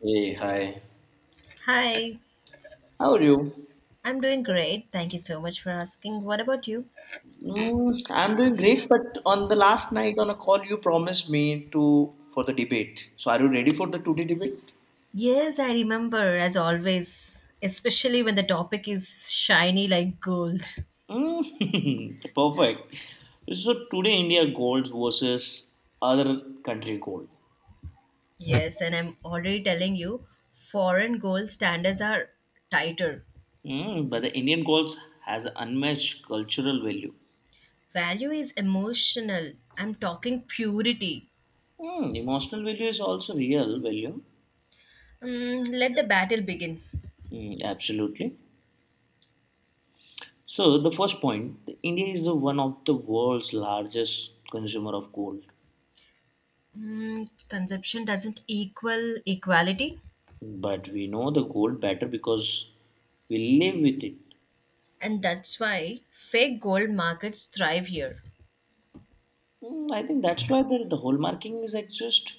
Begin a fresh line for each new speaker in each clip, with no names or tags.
Hey, hi.
Hi,
How are you?
I'm doing great. Thank you so much for asking. What about you?
I'm doing great, but on the last night on a call, you promised me to for the debate. So, are you ready for the today debate?
Yes, I remember as always, especially when the topic is shiny like gold.
Mm, perfect. So today, India gold versus other country gold.
Yes, and I'm already telling you, foreign gold standards are tighter.
But the Indian gold has unmatched cultural value.
Value is emotional. I'm talking purity.
Emotional value is also real value.
Let the battle begin.
Mm, absolutely. So the first point, the India is the one of the world's largest consumer of gold.
Consumption doesn't equal equality,
But we know the gold better because we live with it.
and that's why fake gold markets thrive here.
I think that's why the hallmarking is exist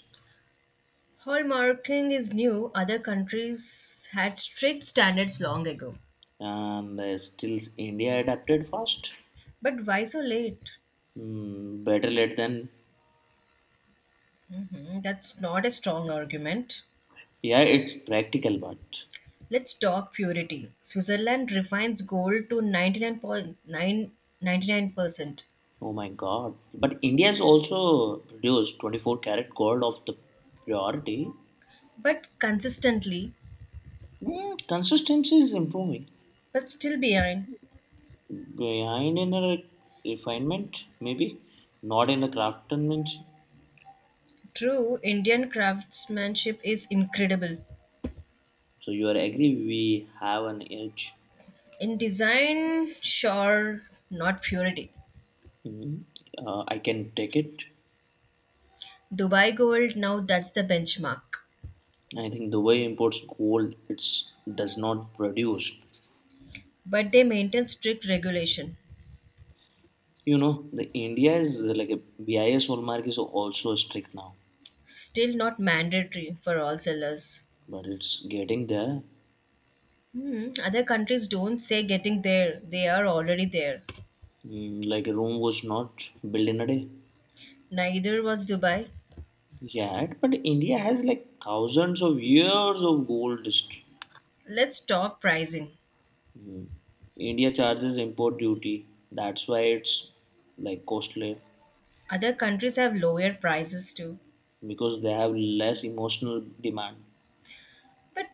Hallmarking is new. Other countries had strict standards long ago.
and still India adapted fast.
But why so late?
Better late than
Mhm, that's not a strong argument.
yeah, it's practical, but
Let's talk purity. Switzerland refines gold to 99.999%,
oh my god! But India has also produced 24 karat gold of the priority.
but consistently,
Consistency is improving
but still behind.
behind in a refinement, maybe not in a craftsmanship.
True, Indian craftsmanship is incredible.
So you are agree we have an edge.
In design, sure, not purity.
Mhm. I can take it.
Dubai gold, now that's the benchmark.
I think Dubai imports gold. It's does not produce.
But they maintain strict regulation,
You know, the India is like a BIS hallmark is also strict now,
still not mandatory for all sellers.
but it's getting there.
Other countries don't say getting there, they are already there.
Like a room was not built in a day.
Neither was Dubai.
Yeah, but India has like thousands of years of gold history.
Let's talk pricing.
Mm. India charges import duty. That's why it's like costly,
Other countries have lower prices too,
because they have less emotional demand.
but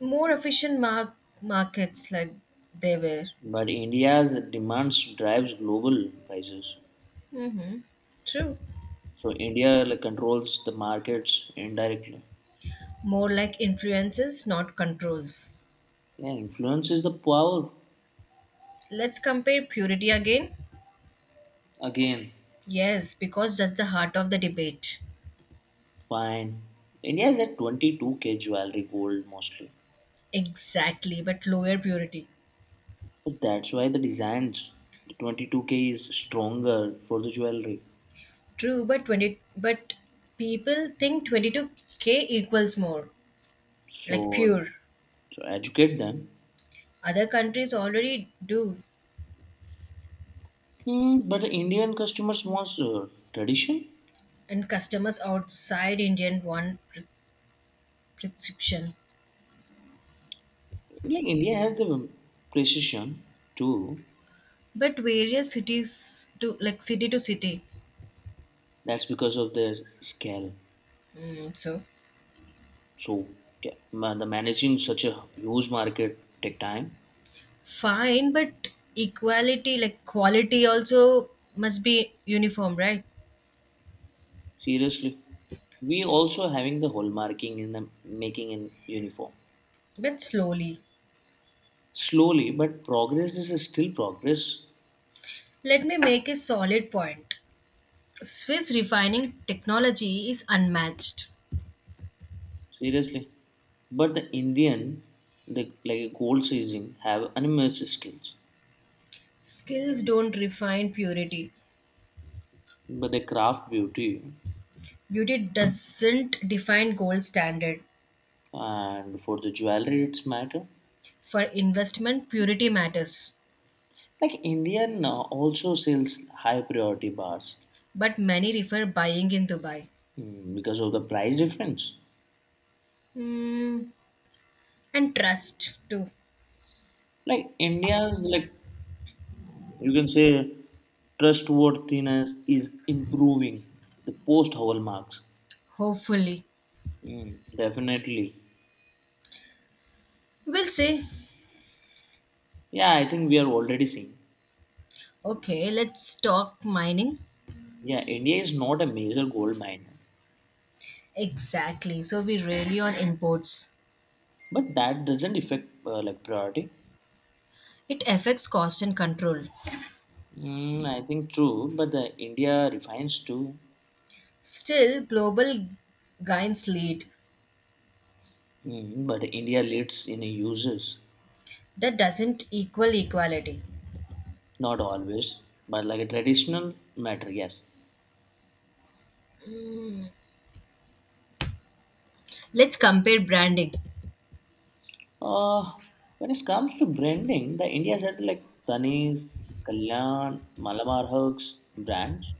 more efficient markets like they were.
But India's demands drives global prices.
Mm-hmm. True.
So India like, controls the markets indirectly.
More like influences, not controls.
Yeah, influence is the power
Let's compare purity again.
again.
Yes, because that's the heart of the debate.
Fine. India is at 22K jewelry gold mostly.
Exactly, but lower purity.
But that's why the designs, the 22K is stronger for the jewelry.
True, but 20, but people think 22K equals more like
So,
pure.
so educate them.
Other countries already do,
But the Indian customers wants tradition.
and customers outside Indian want prescription.
Like India has the precision too.
But various cities to like city to city.
That's because of their scale.
So
So yeah, the managing such a huge market take time.
fine, but equality like quality also must be uniform, right?
Seriously, we also having the hallmarking in the making in uniform.
But slowly.
Slowly, but progress. This is still progress.
Let me make a solid point. Swiss refining technology is unmatched.
Seriously, but the Indian, the like gold seizing have unmatched skills.
Skills don't refine purity.
But the craft beauty
Beauty doesn't define gold standard.
and for the jewelry, it's matter.
For investment, purity matters.
Like Indian also sells high priority bars
But many refer buying in Dubai.
because of the price difference.
Hmm, and trust too.
Like India's like you can say trustworthiness is improving the post hallmarks.
Hopefully.
Mm, definitely.
We'll see.
Yeah, I think we are already seeing.
Okay, let's talk mining.
Yeah, India is not a major gold miner,
Exactly. So we rely on imports.
but that doesn't affect like priority.
It affects cost and control.
I think true, but the India refines too.
Still, global gains lead.
But India leads in uses.
That doesn't equal equality.
Not always, but like a traditional matter, yes.
Let's compare branding.
Uh, when it comes to branding, the India has like Tanis, Kalyan, Malabar Hugs brands,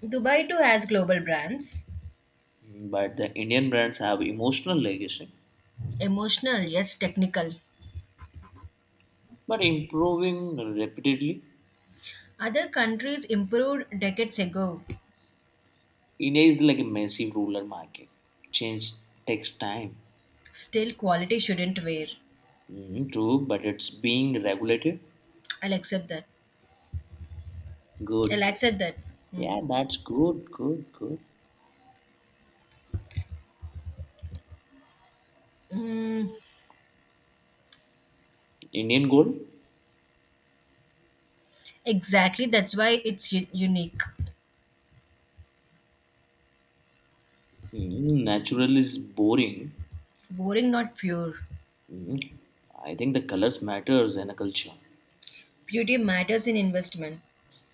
Dubai too has global brands.
but the Indian brands have emotional legacy,
Emotional, yes, technical.
but improving rapidly.
Other countries improved decades ago.
India is like a massive rural market. Change takes time.
Still, quality shouldn't wear.
True, but it's being regulated.
I'll accept that. I'll
Good.
accept that. Mm.
Yeah, that's good, good, good.
Mm,
Indian gold?
exactly, that's why it's unique.
Natural is boring.
Boring, not pure.
Mhm. I think the colors matters in a culture.
Beauty matters in investment.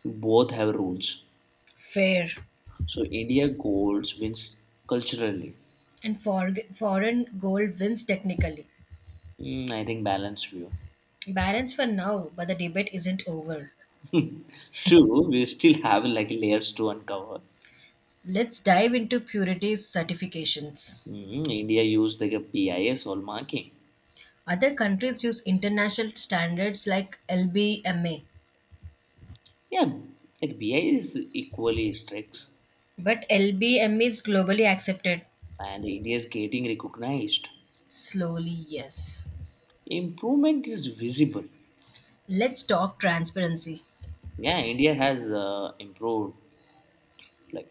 Both have rules.
Fair.
So India golds wins culturally.
And foreign gold wins technically.
I think balanced view.
Balance for now, but the debate isn't over.
True, we still have like layers to uncover.
Let's dive into purity certifications.
India used like a BIS hallmarking.
Other countries use international standards like LBMA,
Yeah, like BIS is equally strict,
but LBMA is globally accepted.
and India is getting recognized.
Slowly, yes.
Improvement is visible.
Let's talk transparency.
Yeah, India has improved like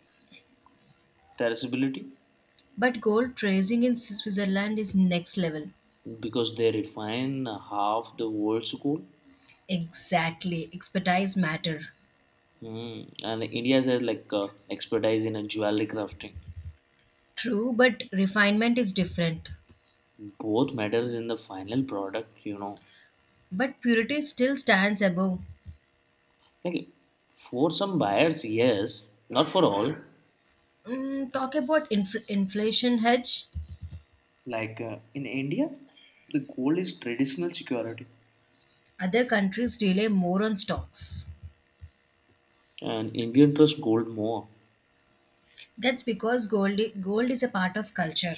traceability
But gold tracing in Switzerland is next level.
because they refine half the world's goal.
Exactly, expertise matter.
And India has like expertise in a jewelry crafting.
True, but refinement is different.
Both matters in the final product.
But purity still stands above.
Like for some buyers, yes, not for all.
Talk about inflation hedge.
Like in India, the gold is traditional security.
Other countries rely more on stocks.
And Indian trust gold more.
That's because gold is a part of culture.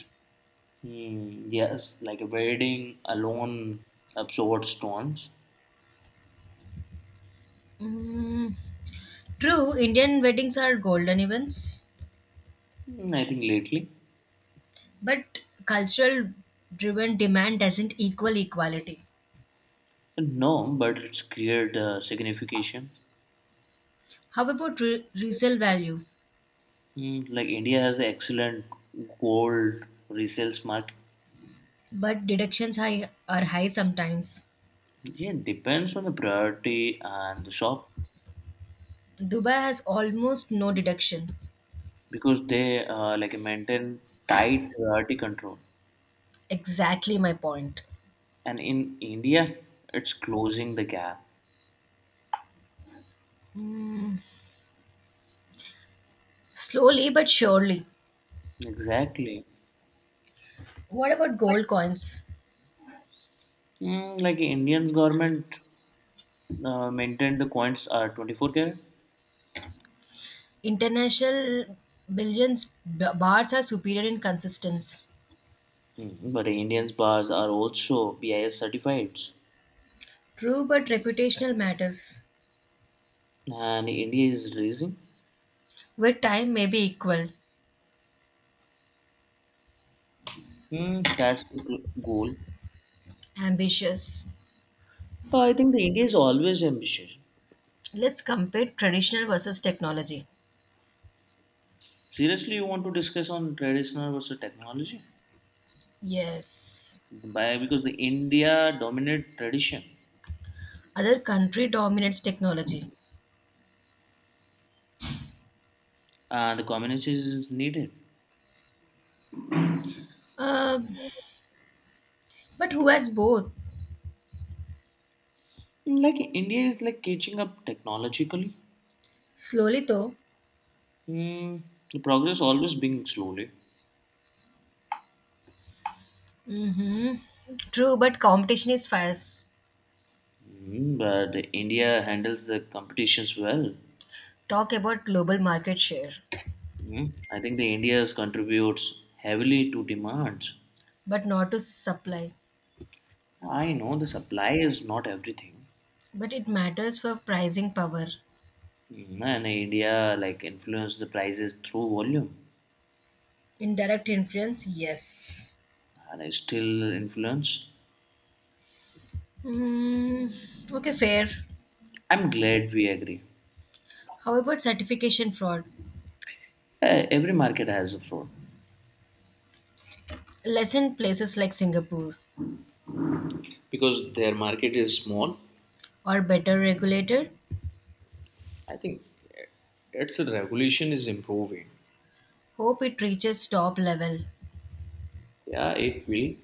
Mm, yes, like a wedding alone absorbed stones.
Mm, true, Indian weddings are golden events,
I think lately.
but cultural driven demand doesn't equal equality.
No, but it's cleared signification.
How about resale value?
Like India has excellent gold resales market.
But deductions high, are high sometimes.
Yeah, it depends on the priority and the shop
Dubai has almost no deduction.
because they like maintain tight priority control.
Exactly my point.
And in India, it's closing the gap.
Slowly but surely.
Exactly.
What about gold coins?
Like Indian government maintained the coins are 24 karat.
International billions bars are superior in consistency.
Mhm. But Indians bars are also BIS certified,
True, but reputational matters
and India is raising.
where time may be equal.
That's the goal.
Ambitious.
I think the India is always ambitious.
Let's compare traditional versus technology.
Seriously, you want to discuss on traditional versus technology?
Yes.
By because the India dominate tradition,
Other country dominates technology.
the communist is needed.
Um, but who has both?
Like India is like catching up technologically.
Slowly though.
Hmm, the progress always being slowly,
hmm True, but competition is fierce.
But India handles the competitions well.
Talk about global market share,
I think the India's contributes heavily to demands.
but not to supply.
I know the supply is not everything,
But it matters for pricing power.
And India like influence the prices through volume,
Indirect influence, yes.
and I still influence.
Mm, okay, fair.
I'm glad we agree.
How about certification fraud?
Every market has a fraud
Less in places like Singapore,
because their market is small.
or better regulated?
I think its regulation is improving.
Hope it reaches top level
Yeah, it will.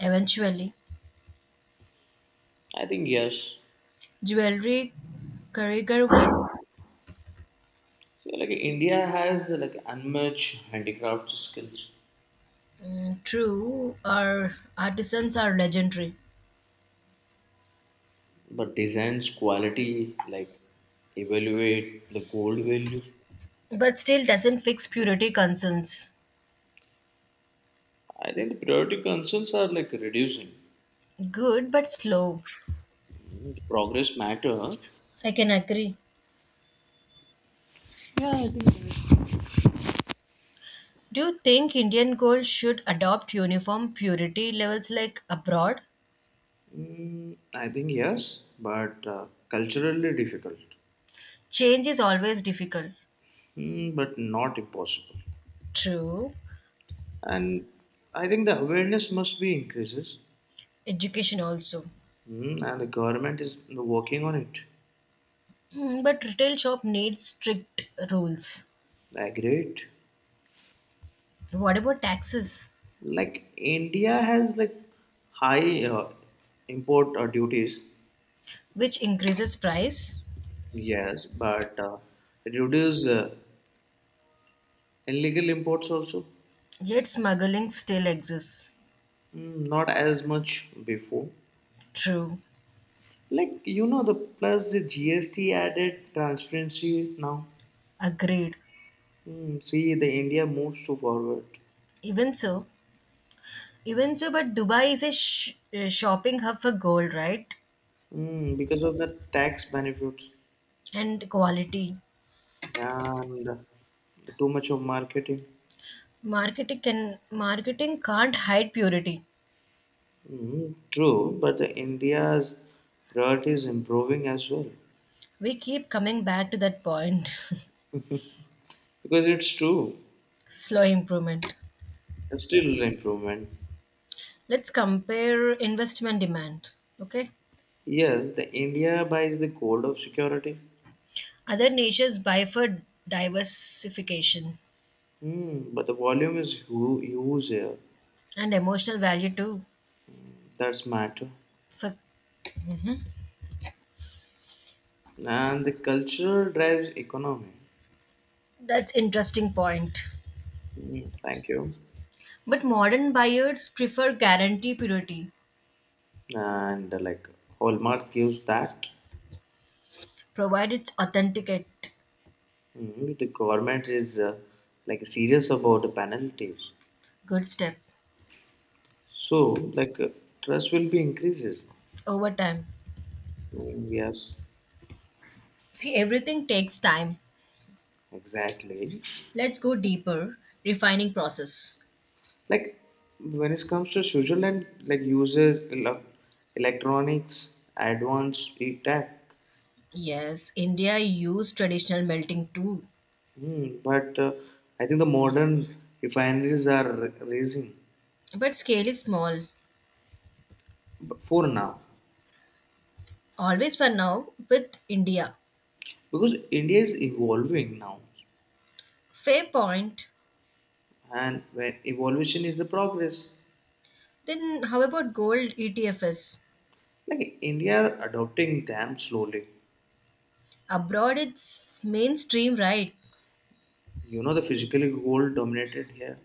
eventually.
I think yes.
Jewelry, career work,
So like India has like unmatched handicraft skills,
mm, true, our artisans are legendary,
but designs quality like evaluate the gold value.
but still doesn't fix purity concerns.
I think the priority concerns are like reducing.
Good but slow.
Progress matter.
I can agree. Do you think Indian gold should adopt uniform purity levels like abroad?
I think yes, but culturally difficult.
Change is always difficult.
But not impossible.
True.
And I think the awareness must be increases,
Education also.
And the government is working on it.
But retail shop needs strict rules.
I agree. It.
What about taxes,
Like India has like high import duties,
which increases price?
yes, but reduce illegal imports also.
Yet smuggling still exists.
Not as much before.
True,
Like the plus the GST added transparency now.
agreed.
See, the India moves to forward
Even so, even so, but Dubai is a shopping hub for gold, right?
because of the tax benefits
And quality.
and the too much of marketing.
Marketing can't hide purity.
True, but the India's priority is improving as well
We keep coming back to that point.
because it's true.
Slow improvement.
It's still improvement.
Let's compare investment demand. Okay.
Yes, the India buys the gold of security,
Other nations buy for diversification
but the volume is huge here.
and emotional value too.
That's matter,
For,
and the culture drives economy.
that's interesting point.
Mm, thank you.
But modern buyers prefer guarantee purity.
And like Hallmark gives that.
Provide it's authenticate,
Mhm. The government is like serious about the penalties.
good step
So like trust will be increases.
over time.
Mm, yes,
See, everything takes time.
exactly.
Let's go deeper. Refining process.
Like when it comes to Switzerland, like uses electronics, advanced e-tech.
Yes, India used traditional melting too,
But I think the modern refineries are raising
but scale is small.
for now
Always for now with India.
because India is evolving now,
Fair point.
and when evolution is the progress.
Then how about gold ETFs?
Like India are adopting them slowly.
Abroad it's mainstream, right?
You know the physically goal dominated here.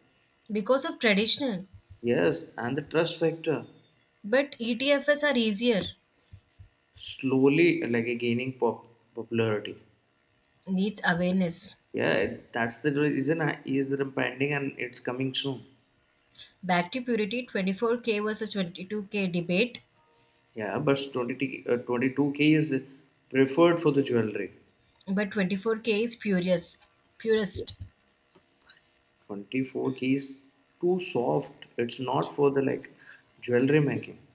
Because of traditional,
Yes, and the trust factor
but etfs are easier,
slowly like gaining popularity.
needs awareness.
Yeah, that's the reason I is that I'm pending and it's coming soon.
Back to purity, 24K versus 22K debate.
Yeah, but 20, 22K is preferred for the jewelry.
But 24K is purest,
24K is too soft. It's not for the like jewelry making.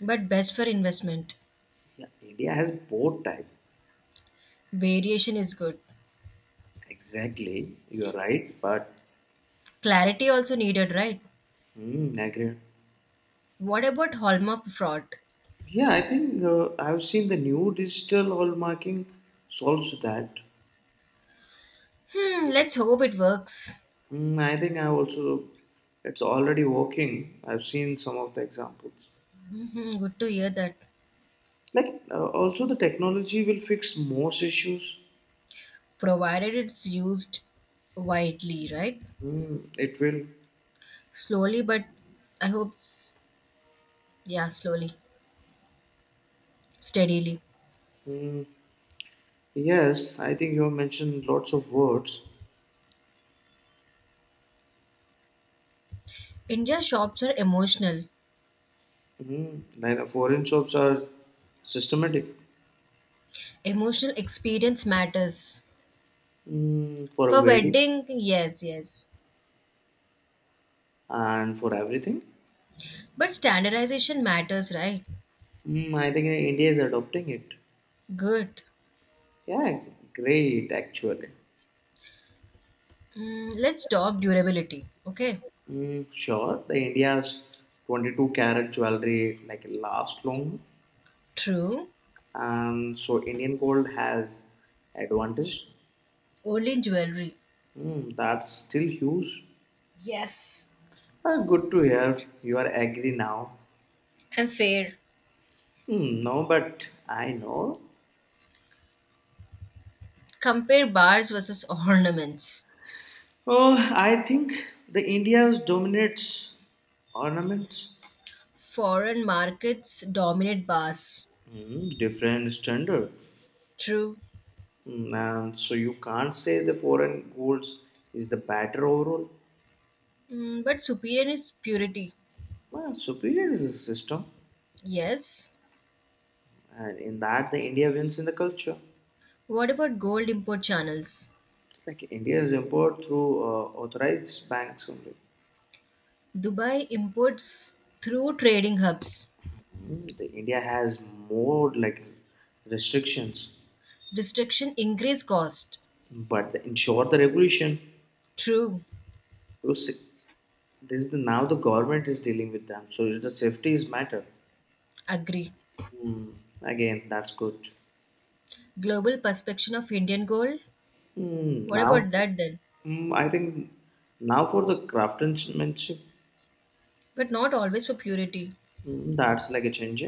but best for investment.
Yeah, India has both type.
Variation is good.
Exactly, you are right, but
Clarity also needed, right?
I agree.
What about hallmark fraud?
Yeah, I think I've seen the new digital hallmarking solves that.
Let's hope it works.
I think I also it's already working. I've seen some of the examples.
Good to hear that.
Like also the technology will fix most issues.
Provided it's used widely, right?
It will.
Slowly, but I hope yeah, slowly, steadily.
Mm, yes, I think you have mentioned lots of words.
India shops are emotional.
Like the foreign shops are systematic
Emotional experience matters.
for a
For
wedding
wedding, yes, yes.
and for everything.
But standardization matters, right?
I think India is adopting it.
Good.
Yeah, great actually.
Let's talk durability, okay?
Mm, sure, the India's 22 karat jewelry like last long,
True.
and so Indian gold has advantage.
Only in jewelry.
That's still huge.
Yes.
Ah, good to hear you are agree now.
And fair.
Mm, no, but I know.
Compare bars versus ornaments.
Oh, I think the India's dominates ornaments.
Foreign markets dominate bars.
Different standard.
True.
And so you can't say the foreign golds is the better overall.
But superior is purity.
Well, superior is a system,
Yes.
and in that the India wins in the culture.
What about gold import channels?
Like India is import through authorized banks only.
Dubai imports through trading hubs.
The India has more like restrictions,
Restriction increase cost.
but they ensure the regulation.
True.
So this is now the government is dealing with them, so the safety is matter.
Agree.
Mm, Again, that's good.
Global perspection of Indian gold? What
Now,
about that then?
I think now for the craftsmanship,
But not always for purity.
that's like a change.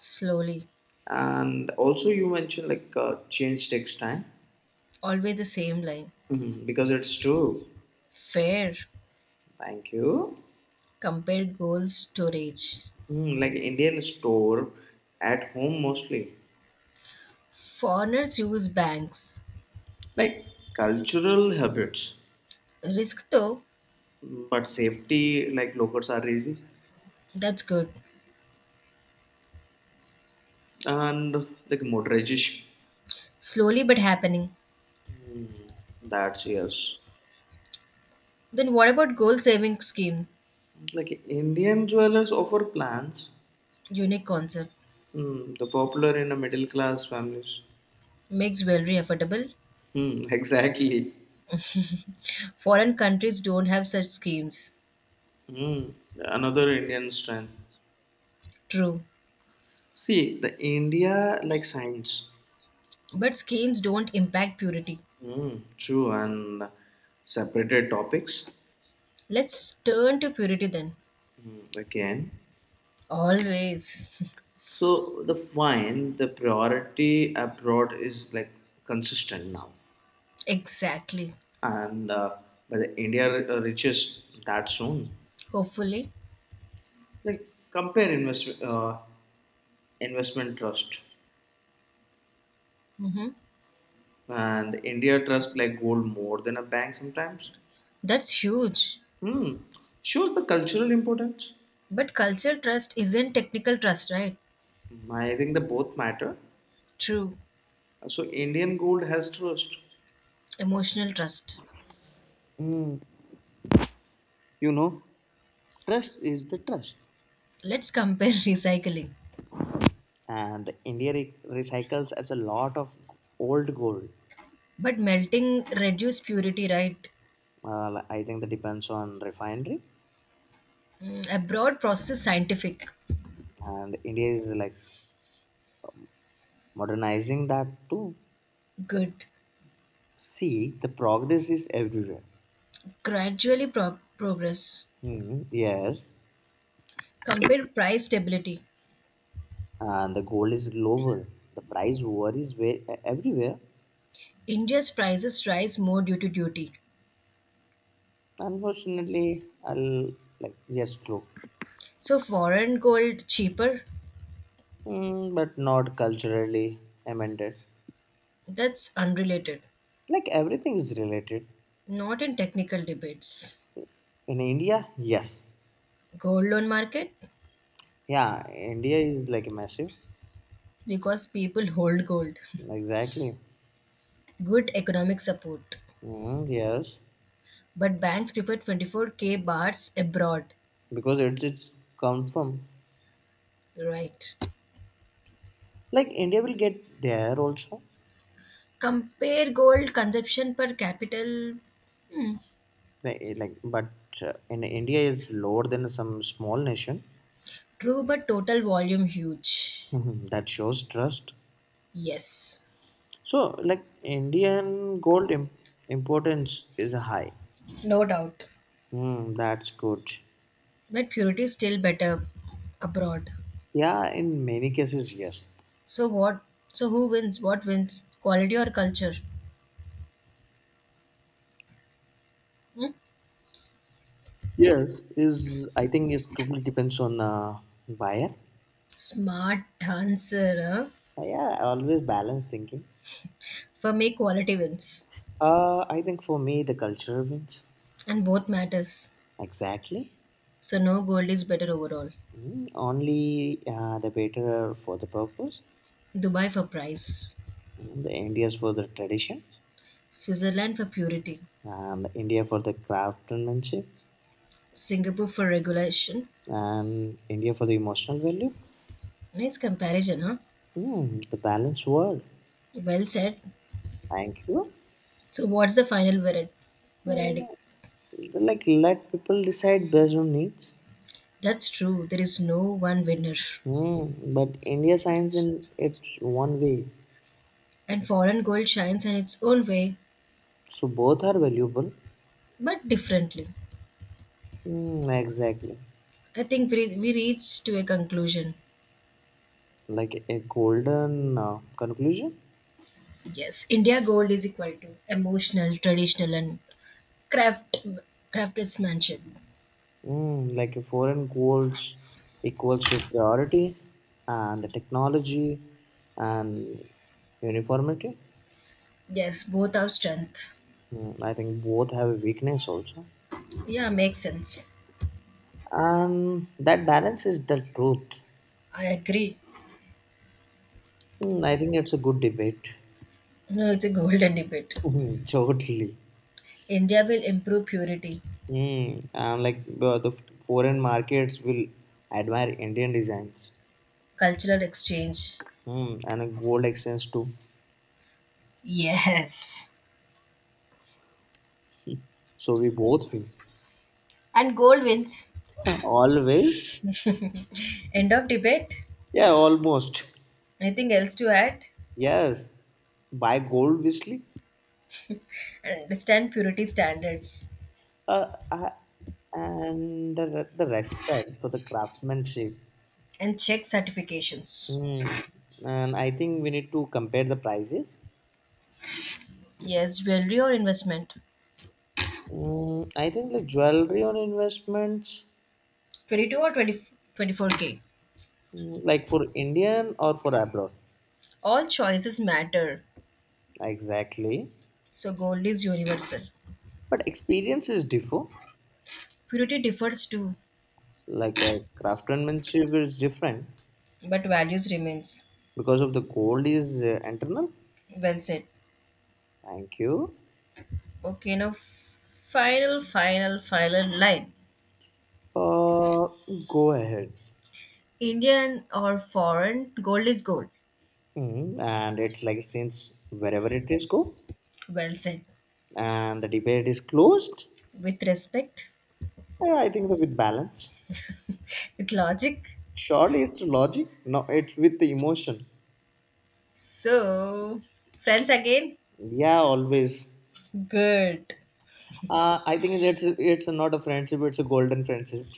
Slowly.
And also, you mentioned like change takes time.
Always the same line.
Mhm, because it's true.
Fair.
Thank you.
Compare gold storage.
Like Indian store at home mostly.
Foreigners use banks.
Like cultural habits,
Risk though,
but safety like lockers are easy
that's good.
and like motorization.
Slowly but happening.
Mm, that's yes.
Then what about gold saving scheme?
Like Indian jewelers offer plans.
Unique concept.
The popular in the middle class families.
Makes jewelry affordable.
Mm, exactly.
Foreign countries don't have such schemes.
Mm, another Indian strength.
True.
See, the India like science,
But schemes don't impact purity.
true, and separated topics
Let's turn to purity then.
again.
Always.
So the fine, the priority abroad is like consistent now,
Exactly.
and but the India reaches that soon.
Hopefully.
Like compare investment trust
hmm
and India trust like gold more than a bank sometimes.
That's huge.
Hmm, shows the cultural importance.
But cultural trust isn't technical trust, right?
I think the both matter.
True.
So Indian gold has trust.
Emotional trust.
Mm. You know, trust is the trust,
Let's compare recycling.
and India recycles as a lot of old gold.
But melting reduced purity, right?
I think that depends on refinery,
Abroad process is scientific.
and India is like modernizing that too.
Good.
See, the progress is everywhere.
Gradually progress.
Yes,
Compare price stability.
and the gold is global. The price war is way, everywhere.
India's prices rise more due to duty.
Unfortunately, I'll like yes, true.
So foreign gold cheaper?
But not culturally amended.
That's unrelated.
Like everything is related
Not in technical debates.
in India. Yes.
Gold loan market?
Yeah, India is like massive.
Because people hold gold.
Exactly.
Good economic support.
Yes,
But banks prefer 24K bars abroad.
because it's come from.
Right.
Like India will get there also.
Compare gold consumption per capital. Hmm.
But in India is lower than some small nation.
True, but total volume huge.
Mhm. That shows trust.
Yes.
So like Indian gold importance is high.
No doubt.
That's good.
But purity is still better abroad.
Yeah, in many cases, yes.
So what? So who wins? What wins? Quality or culture? Hmm?
Yes, is I think it totally depends on buyer.
Smart answer. Huh?
Yeah, I always balance thinking.
For me, quality wins,
I think for me the culture wins.
and both matters.
Exactly.
So no gold is better overall.
Only the better for the purpose.
Dubai for price,
The India's for the tradition,
Switzerland for purity,
and the India for the craftsmanship,
Singapore for regulation.
and India for the emotional value.
Nice comparison, huh?
The balanced world.
Well said.
Thank you.
So what's the final verdict? Verdict.
Mm, like let people decide based on needs.
That's true. There is no one winner.
But India shines in its one way,
And foreign gold shines in its own way.
so both are valuable.
But differently.
Hmm, exactly.
I think we reached to a conclusion.
Like a golden conclusion.
Yes, India Gold is equal to emotional, traditional, and craft craftsmanship.
Like a foreign goals equals to priority and the technology and uniformity.
Yes, both our strength.
I think both have a weakness also.
Yeah, makes sense.
And that balance is the truth.
I agree.
I think it's a good debate.
No, it's a golden debate.
Totally.
India will improve purity,
And like the foreign markets will admire Indian designs.
cultural exchange.
And a gold exchange too.
Yes,
So we both win.
and gold wins.
Huh, always?
End of debate.
Yeah, almost.
Anything else to add?
Yes. Buy gold, obviously.
And understand purity standards
Uh, uh, and the respect for the craftsmanship.
and check certifications.
Hmm, And I think we need to compare the prices.
Yes, jewelry or investment.
I think the jewelry on investments,
22 or twenty twenty four k.
like for Indian or for abroad.
All choices matter.
Exactly.
So gold is universal.
But experiences differ.
Purity differs too,
Like craftsmanship is different
but values remains.
because of the gold is internal.
Well said.
Thank you.
Okay, now final, final, final line.
Uh, go ahead.
Indian or foreign, gold is gold.
And it's like since wherever it is go,
Well said.
and the debate is closed.
With respect,
Yeah, I think that with balance.
with logic.
Surely it's logic. No, it's with the emotion.
So, friends again?
Yeah, always.
Good.
I think it's not a friendship. It's a golden friendship.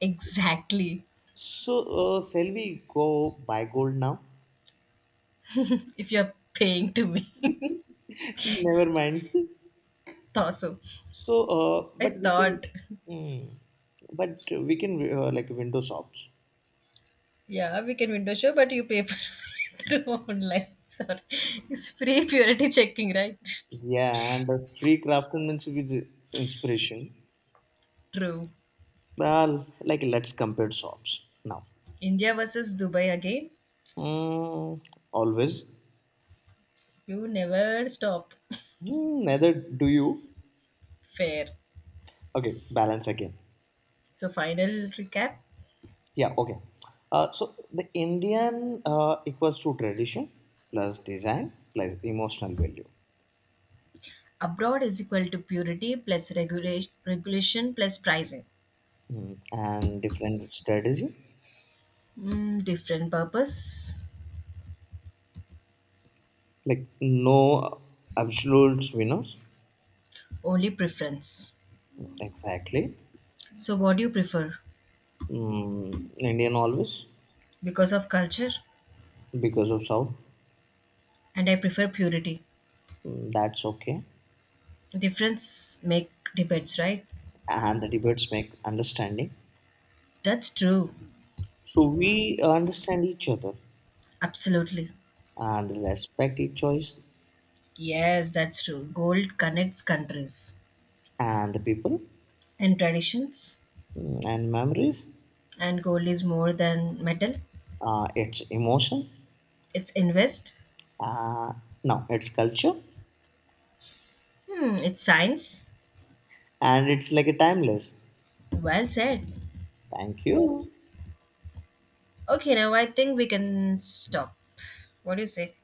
Exactly.
So, shall we go buy gold now?
If you're paying to me.
Never mind.
Thought so.
So,
I
but we can,
thought.
mm, but we can like window shops.
Yeah, we can window show, but you pay for through online. Sorry. It's free purity checking, right?
Yeah, and the free craftsmanship with inspiration.
True.
Well, like let's compare shops now.
India versus Dubai again.
Mm, always.
You never stop.
Neither do you.
Fair.
Okay, balance again.
So final recap.
Yeah, okay. So the Indian equals to tradition plus design plus emotional value.
Abroad is equal to purity plus regulation plus pricing.
And different strategy.
Different purpose,
Like no absolute winners.
only preference.
Exactly.
So what do you prefer?
Indian always,
Because of culture,
because of South.
and I prefer purity.
That's okay.
Difference make debates, right?
And the debates make understanding.
That's true.
So we understand each other
Absolutely.
and respect each choice
Yes, that's true. Gold connects countries
and the people,
and traditions,
and memories.
and gold is more than metal.
Its emotion.
It's invest.
Uh, no, it's culture.
It's science.
And it's like a timeless.
Well said.
Thank you.
Okay, now I think we can stop. What do you say?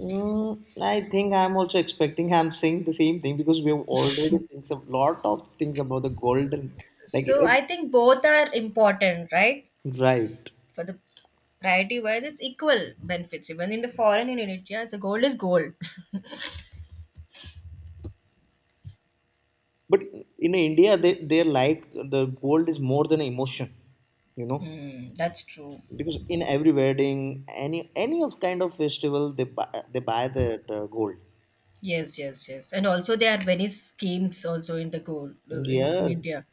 I think I'm also expecting. I'm saying the same thing because we have already thinks a lot of things about the golden. Like
So
it.
I think both are important, right?
Right.
For the priority wise, it's equal benefits. Even in the foreign and in India, so gold is gold.
But in India, they like the gold is more than emotion, you know,
Hmm, that's true.
because in every wedding, any of kind of festival, they buy that gold.
Yes, yes, yes. And also there are many schemes also in the gold in
Yes.
India.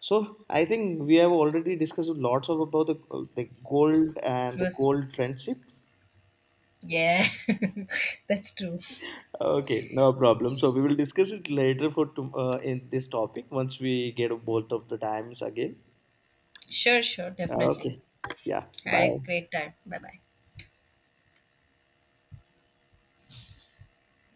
So I think we have already discussed lots of about the gold and
It
the
was,
gold friendship.
yeah, that's true.
Okay, no problem. So we will discuss it later for in this topic once we get both of the times again.
Sure, sure, definitely.
Okay. Yeah.
Had a
Bye.
great time. Bye bye.